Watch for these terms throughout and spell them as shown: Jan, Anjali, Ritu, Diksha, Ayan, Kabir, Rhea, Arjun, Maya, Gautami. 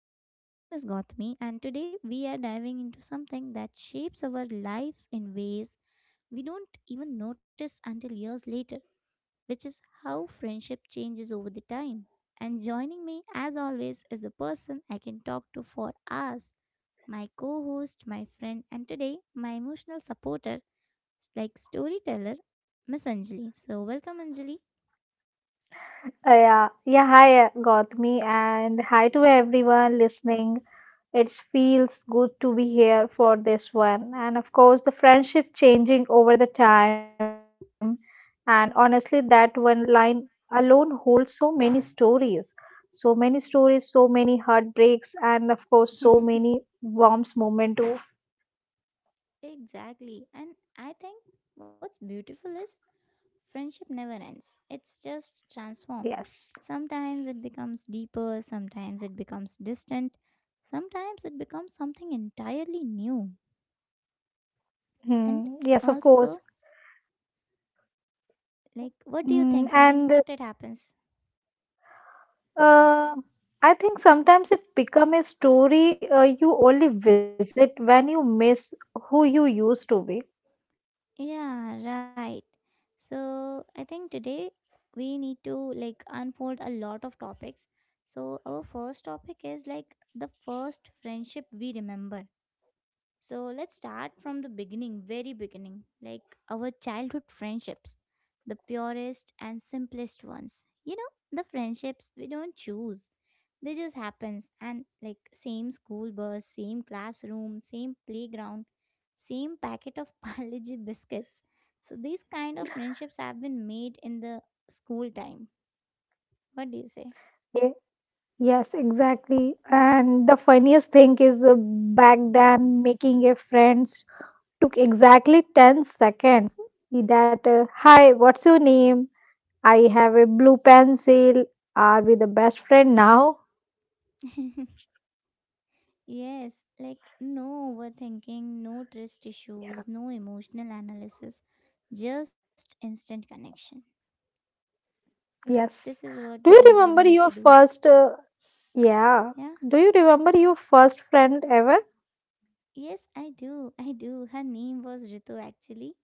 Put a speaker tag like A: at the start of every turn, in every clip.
A: So, my name is Gautami, and today we are diving into something that shapes our lives in ways we don't even notice until years later, which is how friendship changes over the time. And joining me, as always, is the person I can talk to for hours, my co host, my friend, and today my emotional supporter, like storyteller, Miss Anjali. So, welcome, Anjali.
B: Yeah, yeah. Hi, Gautami, and hi to everyone listening. It feels good to be here for this one, and of course, the friendship changing over the time, and honestly, that one line alone holds so many stories, so many stories, so many heartbreaks, and of course, so many warm moments too.
A: Exactly. And I think what's beautiful is friendship never ends, it's just transformed.
B: Yes.
A: Sometimes it becomes deeper, sometimes it becomes distant, sometimes it becomes something entirely new. And
B: Hmm, yes, of
A: also,
B: course.
A: like, what do you
B: Mm,
A: think? Sometimes
B: and
A: what it happens?
B: Uh, I think sometimes it become a story you only visit when you miss who you used to be.
A: Yeah, right. So, I think today we need to like unfold a lot of topics. So, our first topic is like the first friendship we remember. So let's start from the beginning, very beginning, like our childhood friendships, the purest and simplest ones. You know, the friendships we don't choose. They just happens and like same school bus, same classroom, same playground, same packet of Palaji biscuits. So these kind of friendships have been made in the school time. What do you say?
B: Ye- Yes, exactly. And the funniest thing is back then making a friend took exactly 10 seconds. Hi, what's your name? I have a blue pencil. Are we the best friend now?
A: Yes, like no overthinking, no trust
B: Yeah.
A: issues, no emotional analysis, just instant connection. This
B: Yes.
A: is what
B: Do you
A: generally we
B: remember
A: used to
B: your
A: do.
B: first, yeah.
A: Yeah.
B: Do you remember your first friend ever?
A: Yes, I do. I do. Her name was Ritu actually.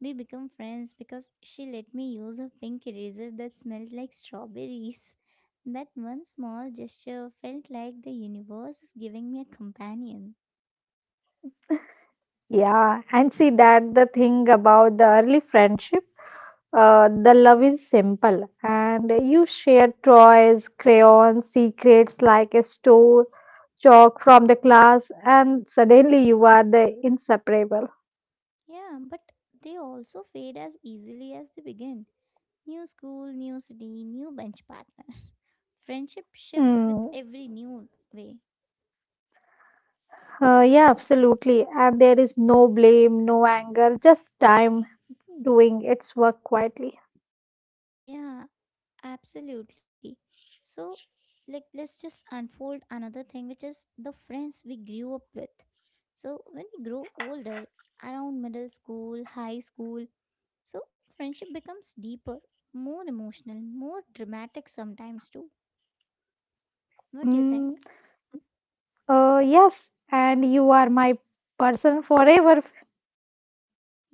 A: We become friends because she let me use a pink eraser that smelled like strawberries. That one small gesture felt like the universe is giving me a companion.
B: Yeah, and see that the thing about the early friendship, the love is simple, and you share toys, crayons, secrets like a store, chalk from the class, and suddenly you are the inseparable.
A: Yeah, but they also fade as easily as they begin. New school, new city, new bench partner. Friendship shifts with
B: Hmm.
A: every new way.
B: Yeah, absolutely. And there is no blame, no anger, just time doing its work quietly.
A: Yeah, absolutely. So, like, let's just unfold another thing, which is the friends we grew up with. So, when we grow older, around middle school, high school, so friendship becomes deeper, more emotional, more dramatic sometimes too. What do you
B: Mm,
A: think?
B: yes, and you are my person forever.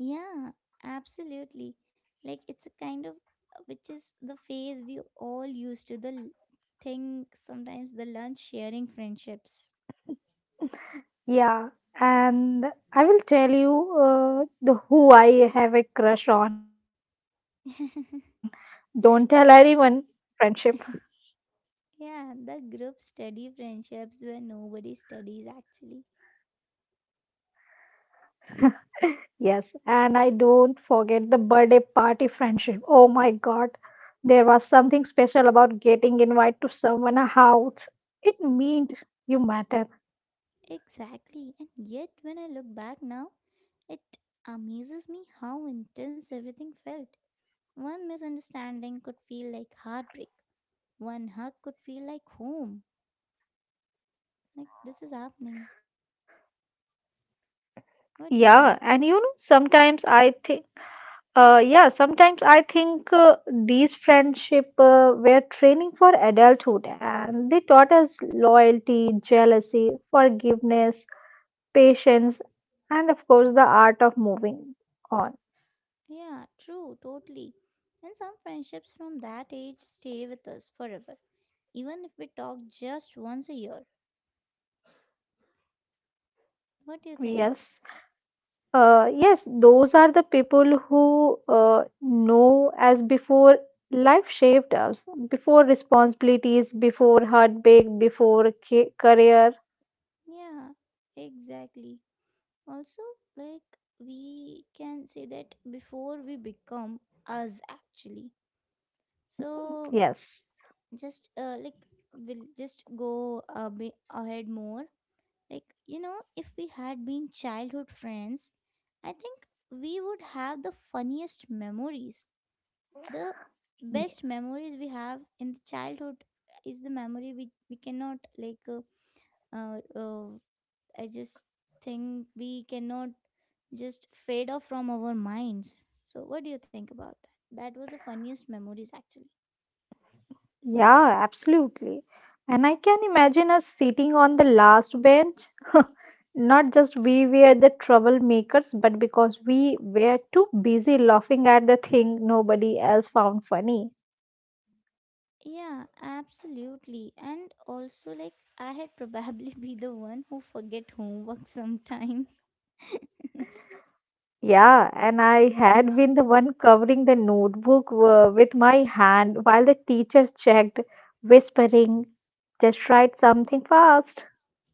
A: Yeah, absolutely. Like it's a kind of which is the phase we all used to the thing sometimes the lunch sharing friendships.
B: Yeah, and I will tell you the who I have a crush on. Don't tell anyone. Friendship.
A: Yeah, the group study friendships where nobody studies actually.
B: Yes, and I don't forget the birthday party friendship. Oh my God, there was something special about getting invited to someone's house. It meant you matter.
A: Exactly. And yet when I look back now, it amazes me how intense everything felt. One misunderstanding could feel like heartbreak. One hug could feel like home. Like this is happening. What do you
B: Yeah,
A: think?
B: and sometimes I think. Yeah, sometimes I think these friendship were training for adulthood, and they taught us loyalty, jealousy, forgiveness, patience, and of course the art of moving on.
A: Yeah, true, totally. And some friendships from that age stay with us forever, even if we talk just once a year. What do you think?
B: Yes, uh, yes, those are the people who know as before life shaped us, before responsibilities, before heartbreak, before career.
A: Yeah, exactly. Also, like, we can say that before we become us, actually. So,
B: Yes.
A: just like, we'll just go a bit ahead more. Like, you know, if we had been childhood friends, I think we would have the funniest memories, the best memories we have in the childhood is the memory we cannot like uh, uh, I just think we cannot just fade off from our minds. So what do you think about that? That was the funniest memories actually.
B: Yeah, absolutely. And I can imagine us sitting on the last bench, not just we were the troublemakers, but because we were too busy laughing at the thing nobody else found funny.
A: Yeah, absolutely. And also like I had probably be the one who forget homework sometimes.
B: Yeah, and I had been the one covering the notebook with my hand while the teacher checked, whispering, just write something fast.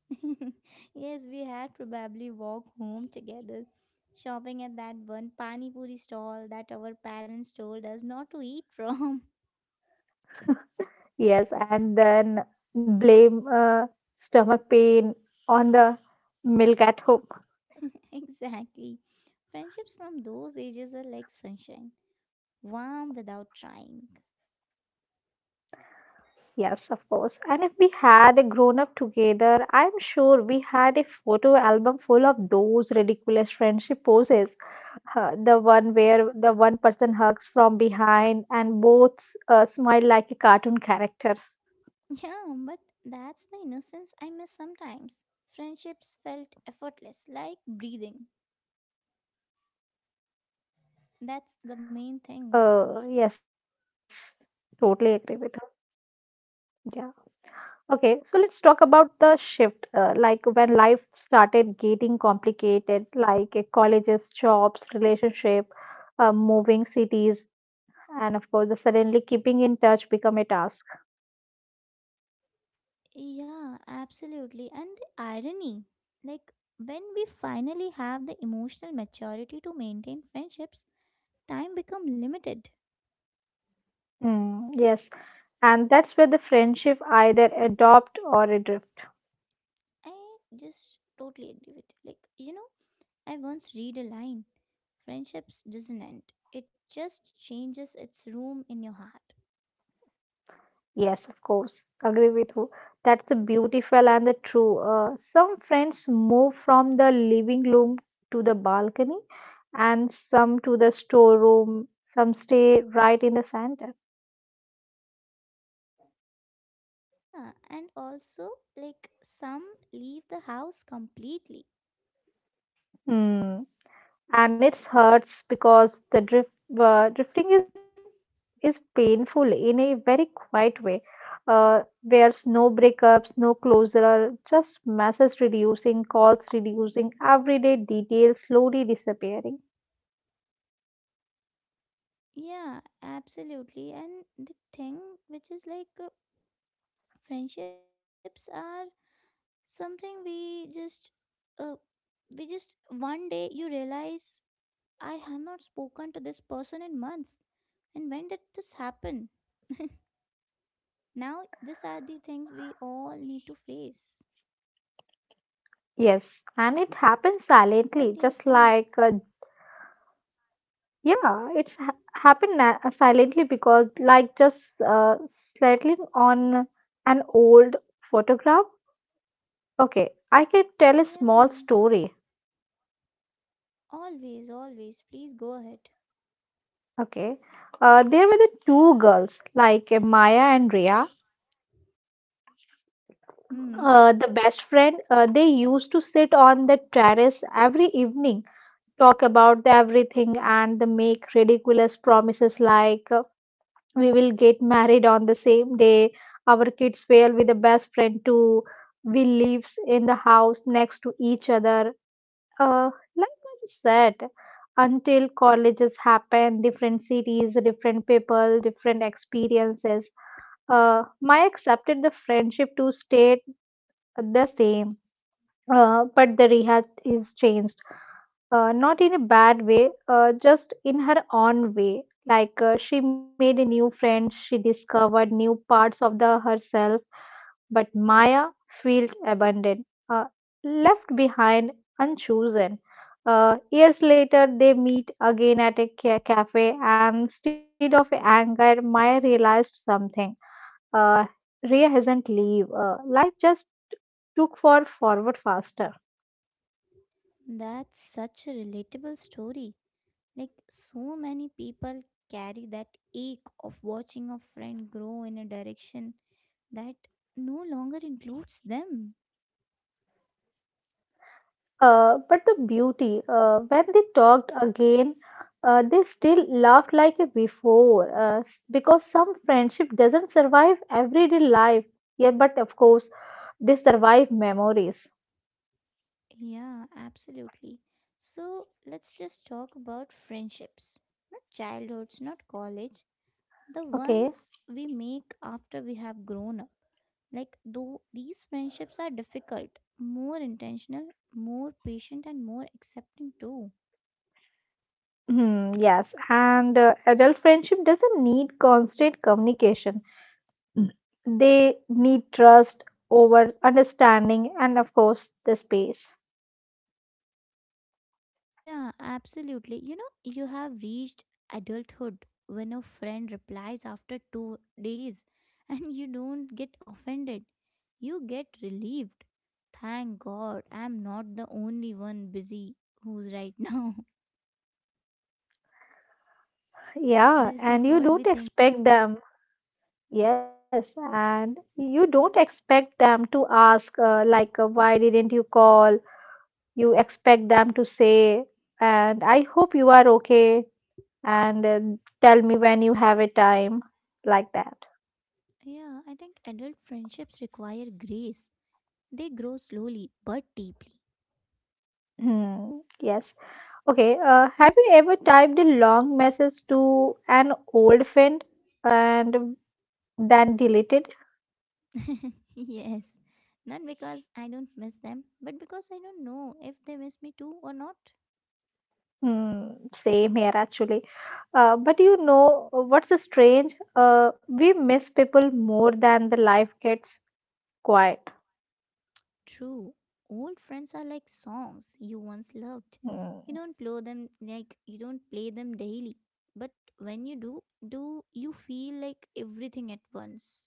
A: Yes, we had probably walked home together, shopping at that one pani puri stall that our parents told us not to eat from.
B: Yes, and then blame stomach pain on the milk at home.
A: Exactly. Friendships from those ages are like sunshine, warm without trying.
B: Yes, of course. And if we had grown up together, I'm sure we had a photo album full of those ridiculous friendship poses. The one where the one person hugs from behind and both smile like a cartoon characters.
A: Yeah, but that's the innocence I miss sometimes. Friendships felt effortless, like breathing. That's the main thing.
B: Yes, totally agree with her. Yeah. Okay, so let's talk about the shift, like when life started getting complicated, like colleges, jobs, relationship, moving cities, and of course, the suddenly keeping in touch become a task.
A: Yeah, absolutely. And the irony, like when we finally have the emotional maturity to maintain friendships, time become limited.
B: Mm, yes, and that's where the friendship either adopt or
A: I
B: adrift.
A: just totally agree with you. Like, you know, I once read a line, friendships doesn't end. It just changes its room in your heart.
B: Yes, of course. Agree with you. That's the beautiful and the true. Some friends move from the living room to the balcony, and some to the storeroom. Some stay right in the center.
A: Yeah, and also like some leave the house completely.
B: Hmm. And it hurts because the drifting is painful in a very quiet way. There's no breakups, no closure, just messages reducing, calls reducing, everyday details slowly disappearing.
A: Yeah, absolutely. And the thing which is like friendships are something uh, we just one day you realize I have not spoken to this person in months and when did this happen? Now these are the things we all need to face.
B: Yes, and it happens
A: What do you
B: silently, just
A: think?
B: like yeah, it's happened silently, because like just uh, settling on an old photograph. Okay, I can tell a
A: Yeah,
B: small story.
A: always, always please go ahead.
B: Okay, there were the two girls, like Maya and Rhea,
A: Hmm,
B: the best friend. They used to sit on the terrace every evening, talk about everything, and they make ridiculous promises like, we will get married on the same day, our kids will be the best friend too, we lives in the house next to each other, uh, life is set, until colleges happen, different cities, different people, different experiences. My accepted the friendship to stay the same, but the rehat is changed, not in a bad way, just in her own way. Like she made a new friend, she discovered new parts of the herself, but Maya felt abandoned, left behind, unchosen. Years later, they meet again at a cafe, and instead of anger, Maya realized something. Uh, Rhea hasn't leave. Life just took forward faster.
A: that's such a relatable story. Like so many people carry that ache of watching a friend grow in a direction that no longer includes them.
B: But the beauty, when they talked again, they still laughed like before, because some friendship doesn't survive everyday life. Yeah, but of course, they survive memories.
A: Yeah, absolutely. So let's just talk about friendships. Not childhoods, not college, the
B: Okay.
A: ones we make after we have grown up. Like, though these friendships are difficult, more intentional, more patient, and more accepting too.
B: Hmm, yes, and adult friendship doesn't need constant communication. Mm. They need trust over understanding and, of course, the space.
A: Yeah, absolutely. You know, you have reached adulthood when a friend replies after 2 days and you don't get offended. You get relieved. Thank God I'm not the only one busy who's right now.
B: Yeah,
A: This
B: and
A: is
B: you
A: what we
B: don't
A: think.
B: expect them Yes, and you don't expect them to ask, like, why didn't you call? You expect them to say, and I hope you are okay, and tell me when you have a time, like that.
A: Yeah, I think adult friendships require grace. They grow slowly but deeply.
B: Hmm, yes. Okay, have you ever typed a long message to an old friend and then deleted?
A: Yes. Not because I don't miss them, but because I don't know if they miss me too or not.
B: Hmm, same here actually. But you know what's strange? We miss people more than the life gets quiet.
A: True, old friends are like songs you once loved.
B: Hmm.
A: You don't play them daily, but when you do, do you feel like everything at once?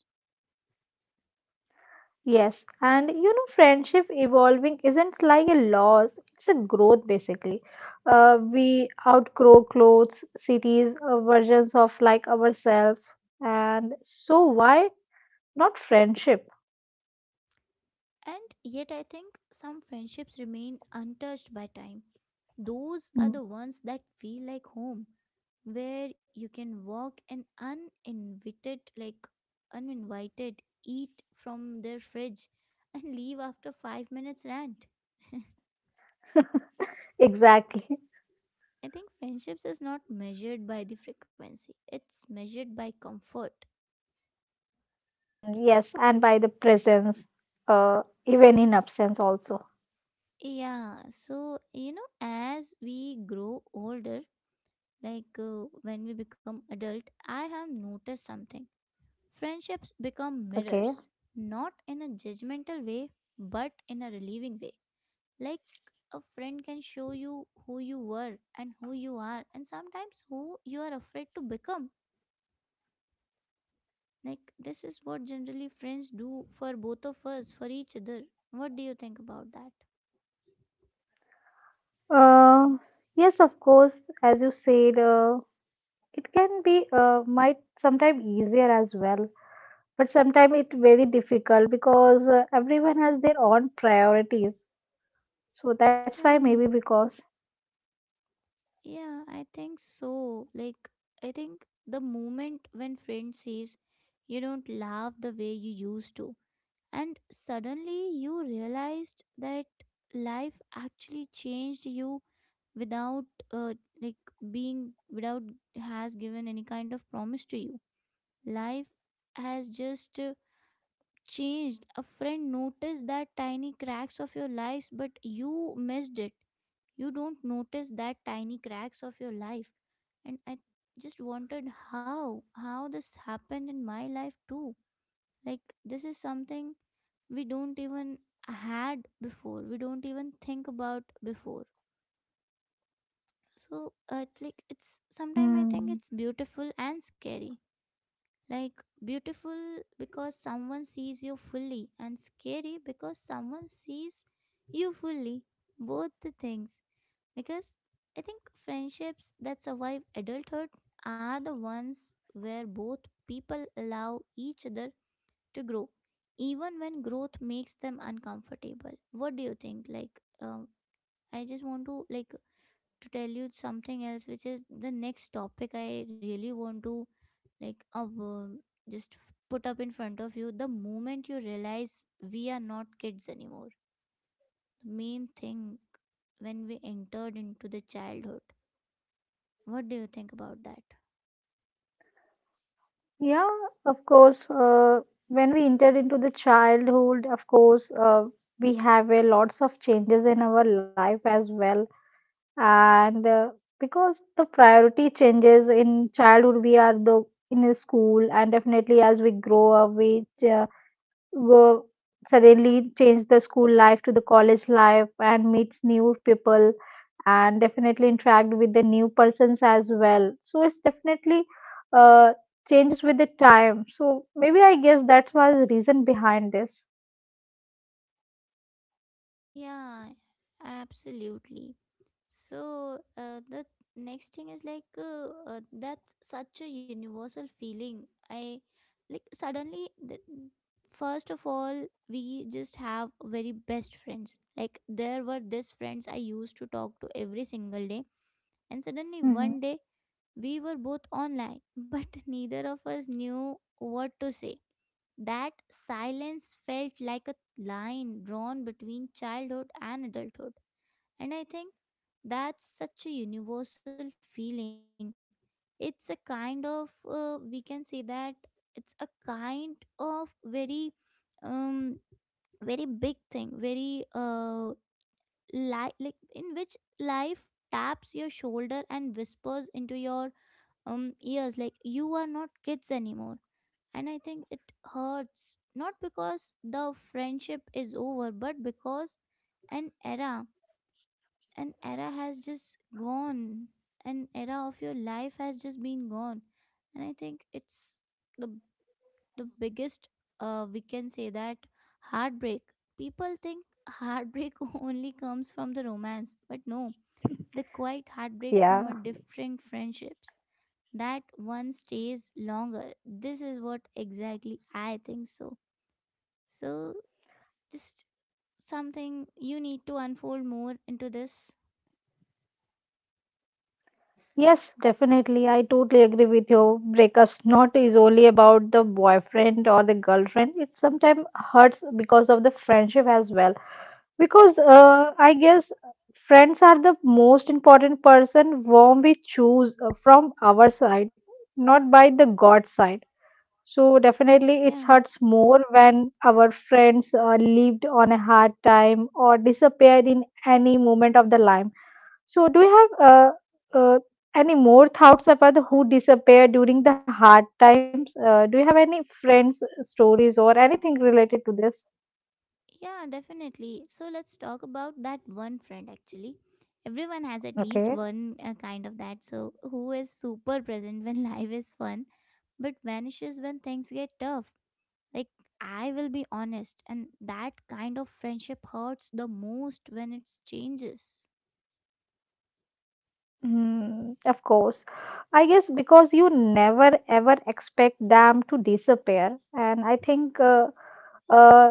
B: Yes, and friendship evolving isn't like a loss, it's a growth basically. We outgrow clothes, cities, versions of like ourselves, and so why not friendship?
A: And yet, I think some friendships remain untouched by time. Those
B: Hmm.
A: are the ones that feel like home, where you can walk and uninvited, like uninvited, eat from their fridge, and leave after 5 minutes rant.
B: Exactly.
A: I think friendships is not measured by the frequency, it's measured by comfort.
B: Mm, yes, and by the presence, even in absence, also.
A: Yeah, so you know, as we grow older, like when we become adult, I have noticed something. Friendships become
B: Okay.
A: mirrors, not in a judgmental way, but in a relieving way. Like a friend can show you who you were and who you are, and sometimes who you are afraid to become. Like, this is what generally friends do for both of us, for each other. What do you think about that?
B: Uh, yes, of course, as you said, it can be might sometimes easier as well, but sometimes it's very difficult because everyone has their own priorities. So that's why maybe
A: Yeah,
B: because,
A: yeah, I think so. Like, I think the moment when friend says you don't laugh the way you used to, and suddenly you realized that life actually changed you without, uh, like, being without has given any kind of promise to you. Life has just changed. A friend noticed that tiny cracks of your lives, but you missed it. You don't notice that tiny cracks of your life. And I just wondered how this happened in my life too. Like, this is something we don't even had before, we don't even think about before. So, like, it's
B: mm,
A: sometimes I think it's beautiful and scary. Like beautiful because someone sees you fully, and scary because someone sees you fully. Both the things. Because I think friendships that survive adulthood are the ones where both people allow each other to grow, even when growth makes them uncomfortable. What do you think? Like, I just want to like to tell you something else which is the next topic I really want to like just put up in front of you, the moment you realize we are not kids anymore, the main thing, when we entered into the childhood. What do you think about that?
B: yeah, of course, when we enter into the childhood, of course, we have a lots of changes in our life as well, and because the priority changes in childhood, we are the in a school, and definitely as we grow up, we uh, go suddenly change the school life to the college life and meets new people, and definitely interact with the new persons as well. So it's definitely uh, changes with the time. So maybe I guess that's why the reason behind this.
A: Yeah, absolutely. So the next thing is like that's such a universal feeling. I like suddenly the, first of all we just have very best friends. Like there were these friends I used to talk to every single day, and suddenly
B: Hmm.
A: one day we were both online, but neither of us knew what to say. That silence felt like a line drawn between childhood and adulthood. And I think that's such a universal feeling. It's a kind of, we can say that it's a kind of very, um, very big thing, very, like in which life taps your shoulder and whispers into your ears, like you are not kids anymore. And I think it hurts not because the friendship is over but because an era an era has just gone, an era of your life has just been gone. And I think it's the the biggest, we can say that, heartbreak. People think heartbreak only comes from the romance, but no, the quiet heartbreak
B: Yeah.
A: from a different friendships, that one stays longer. This is what exactly I think. So, so just something you need to unfold more into this.
B: Yes, definitely. I totally agree with you. Breakups not is only about the boyfriend or the girlfriend. It sometimes hurts because of the friendship as well. Because I guess friends are the most important person whom we choose from our side, not by the God side. So definitely, it
A: Yeah.
B: hurts more when our friends lived on a hard time or disappeared in any moment of the life. So, do you have uh, any more thoughts about the who disappear during the hard times? Do you have any friends' stories or anything related to this?
A: Yeah, definitely. So let's talk about that one friend actually. Everyone has at least
B: Okay.
A: one kind of that. So who is super present when life is fun but vanishes when things get tough. Like I will be honest and that kind of friendship hurts the most when it changes.
B: Mm, of course. I guess because you never ever expect them to disappear. And I think, uh,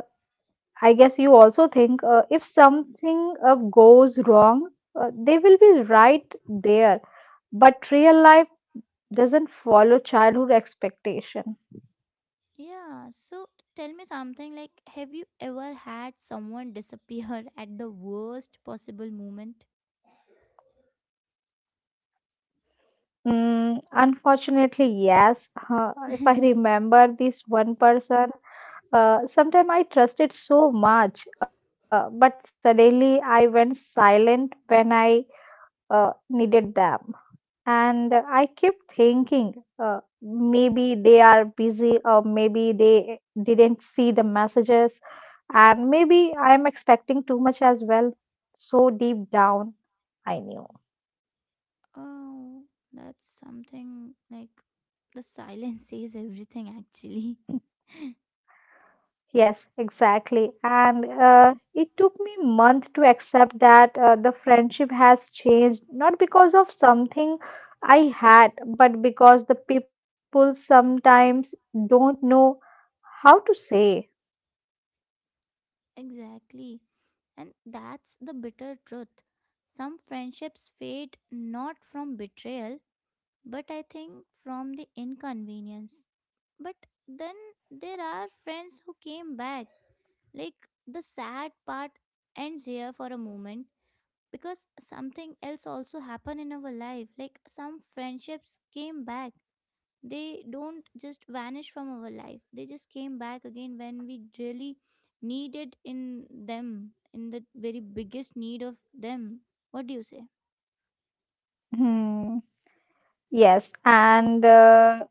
B: I guess you also think if something goes wrong, they will be right there. But real life doesn't follow childhood expectation.
A: Yeah, so tell me something, like have you ever had someone disappear at the worst possible moment?
B: Unfortunately, yes. If I remember this one person, sometime I trusted so much, but suddenly I went silent when I needed them. And I kept thinking, maybe they are busy, or maybe they didn't see the messages, and maybe I'm expecting too much as well. So deep down, I knew.
A: Oh, that's something like the silence says everything, actually.
B: Yes, exactly. And it took me months to accept that the friendship has changed, not because of something I had, but because the people sometimes don't know how to say.
A: Exactly. And that's the bitter truth. Some friendships fade not from betrayal, but I think from the inconvenience. But then there are friends who came back. Like the sad part ends here for a moment because something else also happened in our life. Like some friendships came back, they don't just vanish from our life, they just came back again when we really needed in them, in the very biggest need of them. What do you say?
B: Hmm. Yes, and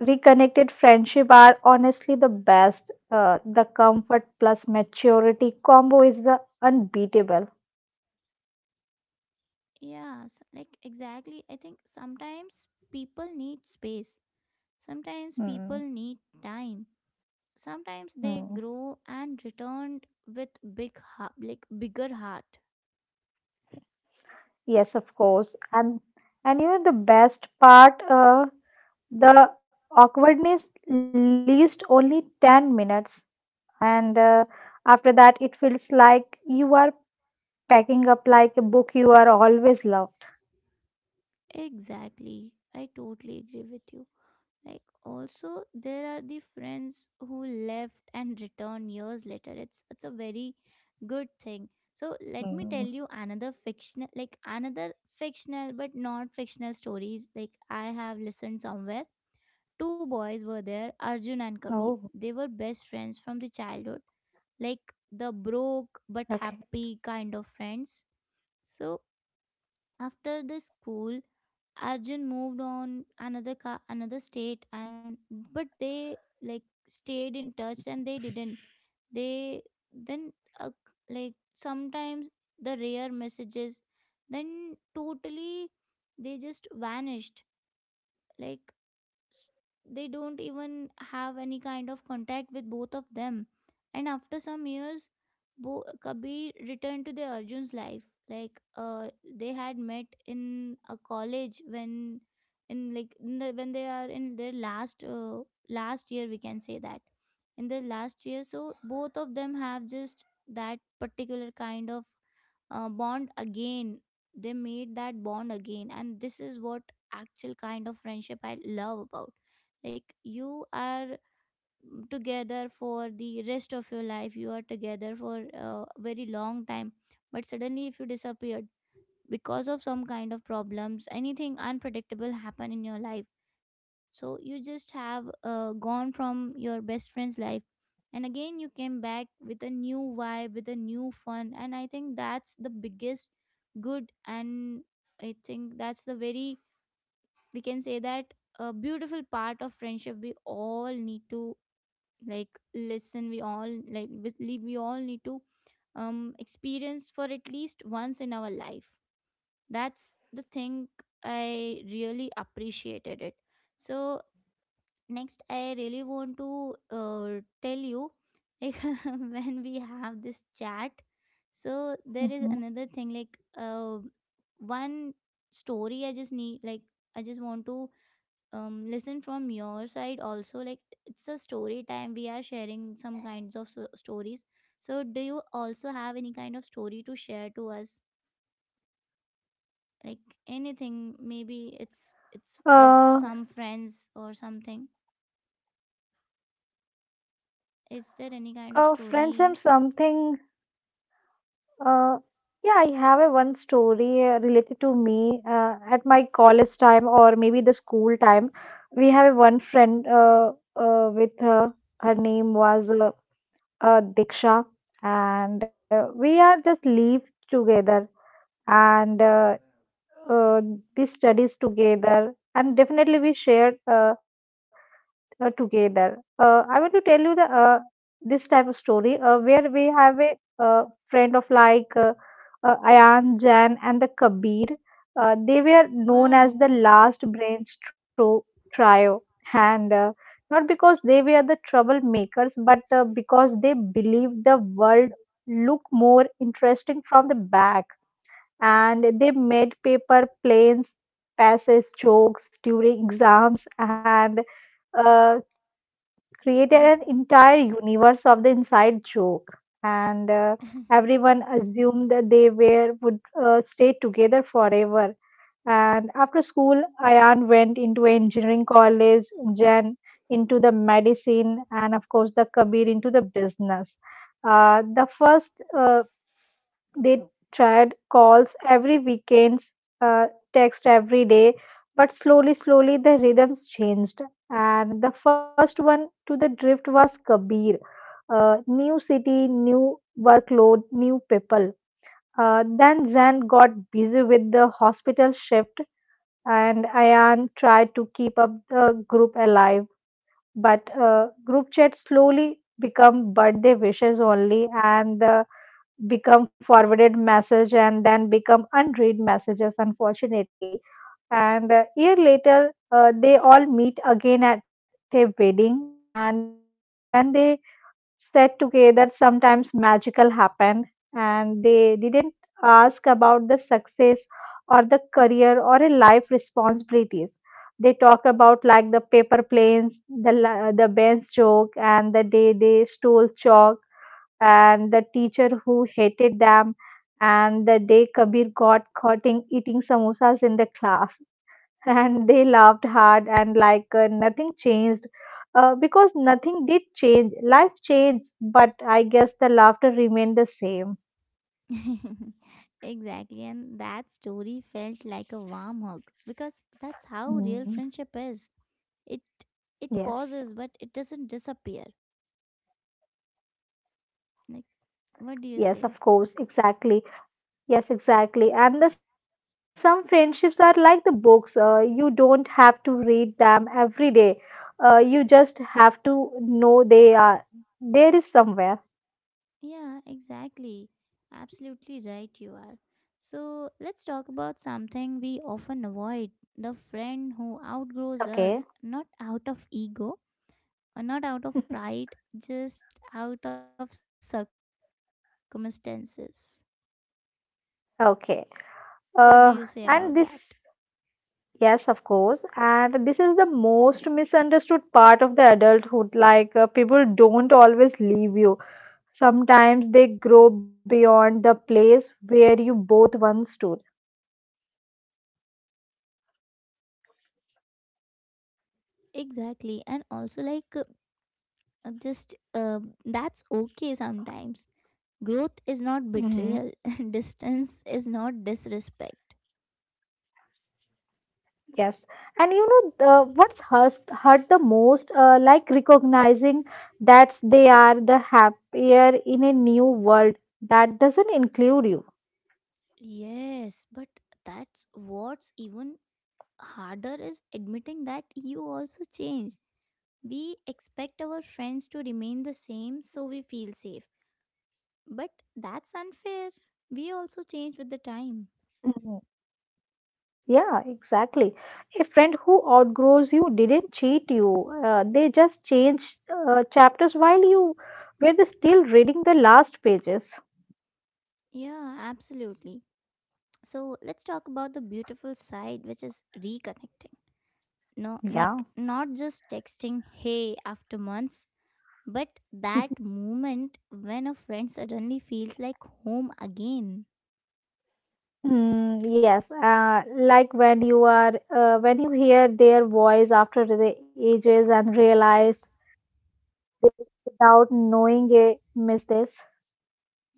B: reconnected friendship are honestly the best. The comfort plus maturity combo is the unbeatable.
A: Yes, like exactly, I think sometimes people need space, sometimes people
B: Hmm.
A: need time, sometimes they
B: Hmm.
A: grow and return with big heart, like bigger heart.
B: Yes, of course. And you know the best part, the awkwardness lasts only 10 minutes, and after that it feels like you are packing up like a book you are always loved.
A: Exactly, I totally agree with you. Like also there are the friends who left and returned years later. It's a very good thing. So
B: Mm.
A: let me tell you another fictional, like another fictional but not fictional stories, like I have listened somewhere. Two boys were there, Arjun and
B: Oh,
A: Kabir. They were best friends from the childhood, like the broke
B: okay.
A: but happy kind of friends. So after the school, Arjun moved on another state, and but they like stayed in touch, and they didn't, they then uh, like sometimes the rare messages, then totally they just vanished. like s- they don't even have any kind of contact with both of them. And after some years, Kabir returned to the Arjun's life. Like they had met in a college when, in like in the, when they are in their last last year, we can say that, in the last year. So both of them have just that particular kind of bond again, they made that bond again, and this is what actual kind of friendship I love about. Like you are, mm, together for the rest of your life, you are together for a very long time, but suddenly if you disappeared because of some kind of problems, anything unpredictable happen in your life, so you just have gone from your best friend's life, and again you came back with a new vibe, with a new fun, and I think that's the biggest good. And I think that's the very, we can say that, a beautiful part of friendship we all need to, like listen, we all like we all need to experience for at least once in our life. That's the thing, I really appreciated it. So next I really want to tell you like, when we have this chat, so there is another thing like
B: Hmm.
A: one story I just need, like I just want to listen from your side also. Like it's a story time, we are sharing some kinds of stories. So do you also have any kind of story to share to us, like anything, maybe it's of
B: Uh,
A: some friends or something? Is there any kind of story?
B: Friends, and something. Uh, yeah, I have a one story related to me at my college time or maybe the school time. We have a one friend with her. Her name was Diksha, and we are just live together, and uh, we studies together, and definitely we shared together. I want to tell you the this type of story where we have a uh, friend of like. Ayan, Jan, and the Kabir. They were known as the
A: Wow.
B: last brains trio, and not because they were the troublemakers, but because they believed the world looked more interesting from the back. And they made paper planes, passes, jokes during exams, and uh, created an entire universe of the inside joke, and everyone assumed that they were would stay together forever. And after school, Ayan went into engineering college, Jen into the medicine, and of course, the Kabir into the business. The first they tried calls every weekend, uh, text every day, but slowly, slowly the rhythms changed. And the first one to the drift was Kabir. New city, new workload, new people. Then Zan got busy with the hospital shift, and Ayan tried to keep up the group alive, but group chat slowly become birthday wishes only, and become forwarded message and then become unread messages, unfortunately. And a year later they all meet again at a wedding, and when they sat together, sometimes magical happened, and they didn't ask about the success or the career or a life responsibilities. They talk about like the paper planes, the bench joke and the day they stole chalk and the teacher who hated them and the day kabir got caught in eating samosas in the class. And they laughed hard and like nothing changed, because nothing did change. Life changed, but I guess the laughter remained the same.
A: Exactly. And that story felt like a warm hug because that's how real
B: Mm,
A: friendship is. It it
B: yes.
A: pauses but it doesn't disappear. Like,
B: Yes, of
A: what do you
B: course,
A: say?
B: exactly. Yes, exactly. Some friendships are like the books. You don't have to read them every day. You just have to know they are there is somewhere.
A: Yeah, exactly. Absolutely right you are. So let's talk about something we often avoid. The friend who outgrows
B: Okay.
A: us, not out of ego or not out of pride, just out of circumstances.
B: Okay.
A: What do you say
B: Uh,
A: about that?
B: and this, yes, of course. And this is the most misunderstood part of the adulthood. Like, people don't always leave you. Sometimes they grow beyond the place where you both once stood.
A: Exactly. And also, like, just that's okay sometimes. Growth is not betrayal, and distance is not disrespect.
B: Yes, and you know, what's hurt the most, like recognizing that they are the happier in a new world that doesn't include you.
A: Yes, but that's what's even harder is admitting that you also change. We expect our friends to remain the same so we feel safe. But that's unfair. We also change with the
B: Mhm.
A: time.
B: Yeah, exactly. A friend who outgrows you didn't cheat you. They just changed chapters while you were still reading the last pages.
A: Yeah, absolutely. So let's talk about the beautiful side, which is reconnecting. No,
B: Yeah.
A: like not just texting hey after months, but that moment when a friend suddenly feels like home again.
B: Mm, yes, like when you are when you hear their voice after the ages and realize it without knowing it, miss this.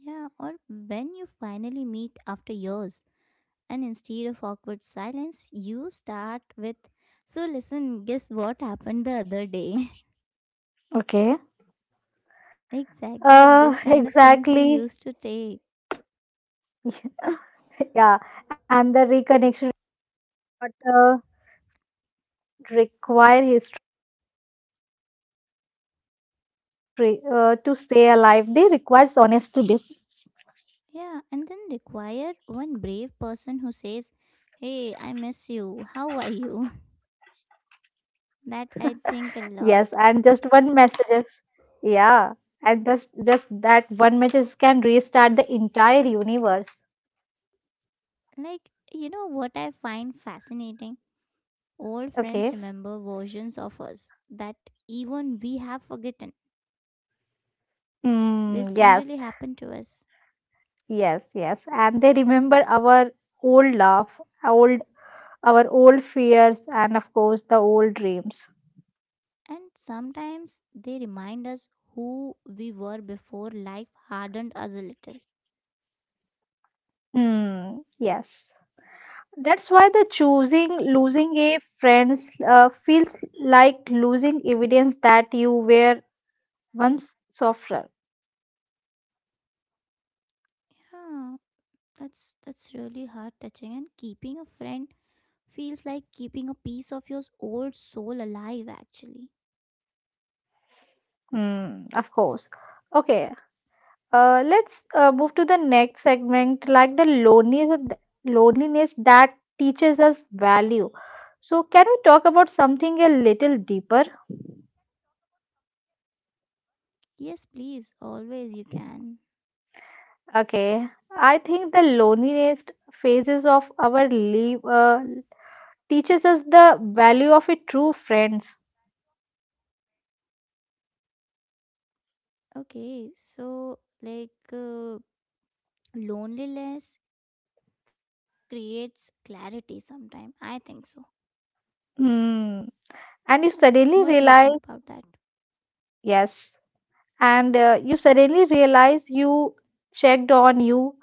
A: Yeah, or when you finally meet after years and instead of awkward silence you start with, so listen, guess what happened the other day.
B: Okay.
A: Exactly, like this kind of things we
B: Exactly.
A: used to take.
B: Yeah, and the reconnection. But, uh, Require history to stay alive. They requires honesty. This,
A: Yeah, and then require one brave person who says, hey, I miss you, how are you? That
B: yes,
A: I
B: and
A: think a
B: just
A: lot.
B: one messages. Yeah, and just that one message can restart the entire universe.
A: Like, you know what I find fascinating? Old
B: Okay.
A: friends remember versions of us that even we have forgotten. This
B: Mm,
A: generally
B: yes,
A: happened to us.
B: yes, yes. And they remember our old love, old, our old fears, and of course the old dreams.
A: And sometimes they remind us who we were before life hardened us a little.
B: Mm, yes. That's why the choosing losing a friend feels like losing evidence that you were once softer.
A: Yeah, that's really heart touching, and keeping a friend feels like keeping a piece of your old soul alive actually.
B: Hmm, of course.
A: It's-
B: Okay, let's move to the next segment, like the loneliness, loneliness that teaches us value. So, can we talk about something a little deeper?
A: Yes, please, always you can.
B: Okay, I think the loneliest phases of our life teaches us the value of a true friends.
A: Okay, so like loneliness creates clarity sometimes. I think so.
B: Hmm.
A: What do you
B: And you
A: think about
B: suddenly
A: that?
B: realize, yes, and you suddenly realize you checked on you,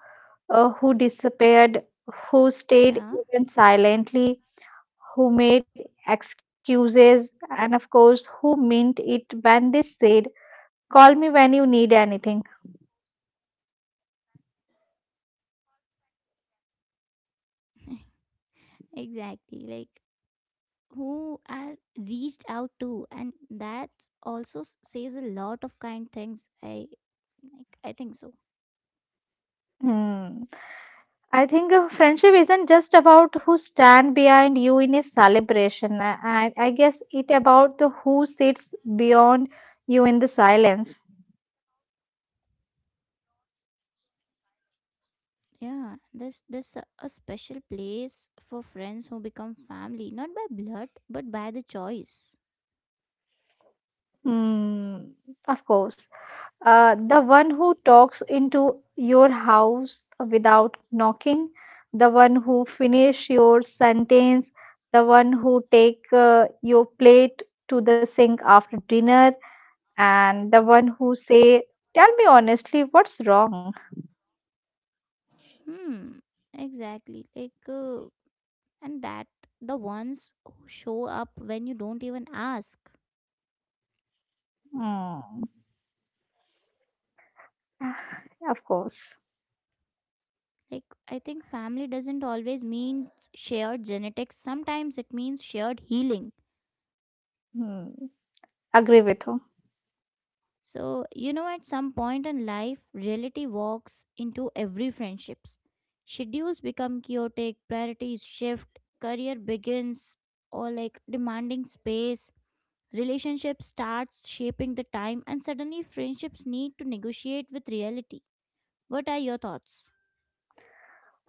B: who
A: Yeah,
B: disappeared, who stayed even silently, who made excuses, and of course, who meant it when they said, "Call me when you need anything."
A: exactly. Like, who are reached out to, and that also says a lot of kind things. I like, I think so.
B: Hmm. I think friendship isn't just about who stand behind you in a celebration. I guess it about the who sits beyond you in the silence.
A: Yeah, there's a special place for friends who become family, not by blood, but by the choice.
B: Hmm, of course. The one who talks into your house without knocking, the one who finish your sentence, the one who take your plate to the sink after dinner, and the one who say, "Tell me honestly, what's wrong?"
A: Hmm. Exactly. Like. And that, the ones who show up when you don't even ask.
B: Hmm. Of course.
A: Like, I think family doesn't always mean shared genetics, sometimes it means shared healing.
B: Hmm. Agree with you.
A: So, you know, at some point in life reality walks into every friendships. Schedules become chaotic, priorities shift, career begins or like demanding space, relationship starts shaping the time, and suddenly friendships need to negotiate with reality. What are your thoughts?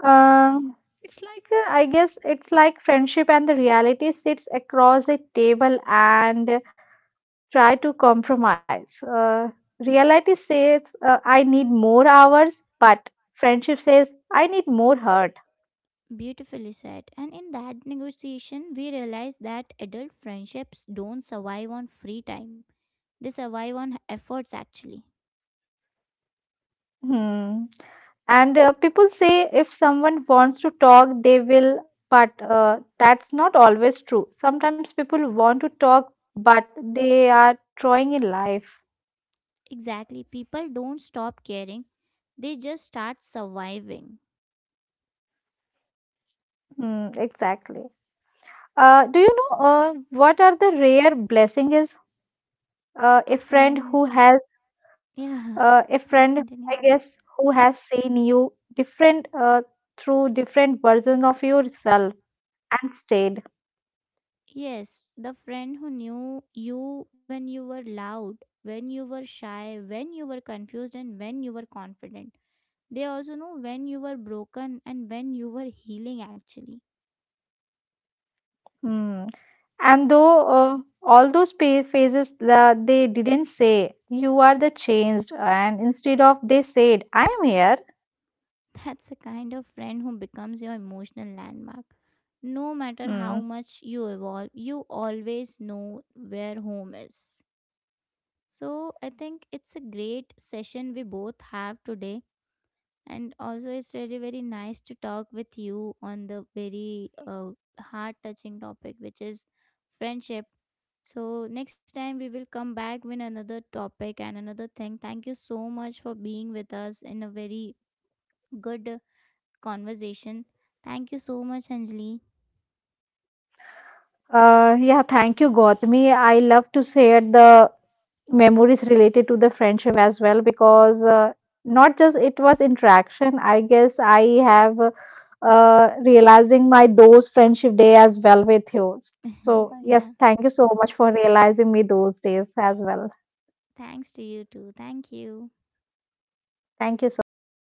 B: Um, it's like I guess it's like friendship and the reality sits across a table and try to compromise. Reality says I need more hours, but friendship says I need more hurt.
A: Beautifully said. And in that negotiation, we realized that adult friendships don't survive on free time, they survive on efforts actually.
B: Hmm. And people say if someone wants to talk, they will, but that's not always true. Sometimes people want to talk, but they are trying in life.
A: Exactly. People don't stop caring, they just start surviving.
B: Hmm, exactly. Do you know what are the rare blessing is, uh,
A: A
B: a friend
A: friend.
B: who has
A: Yeah,
B: a friend,
A: please
B: I
A: continue.
B: guess, who has seen you different through different versions of yourself and stayed.
A: Yes, the friend who knew you when you were loud, when you were shy, when you were confused, and when you were confident. They also know when you were broken and when you were healing actually.
B: Hmm. And though all those phases, they didn't say you are the changed, and instead of they said I am here.
A: That's the kind of friend who becomes your emotional landmark. No matter how
B: Hmm.
A: much you evolve, you always know where home is. So I think it's a great session we both have today. And also, it's really very nice to talk with you on the very heart touching topic, which is friendship. So, next time we will come back with another topic and another thing. Thank you so much for being with us in a very good conversation. Thank you so much, Anjali.
B: Yeah, thank you, Gautami. I love to share the memories related to the friendship as well, because not just it was interaction. I guess I have realizing my those friendship day as well with you. So yes,
A: Yeah,
B: thank you so much for realizing me those days as well.
A: thanks to you too. Thank you.
B: Thank you so much, Gautami.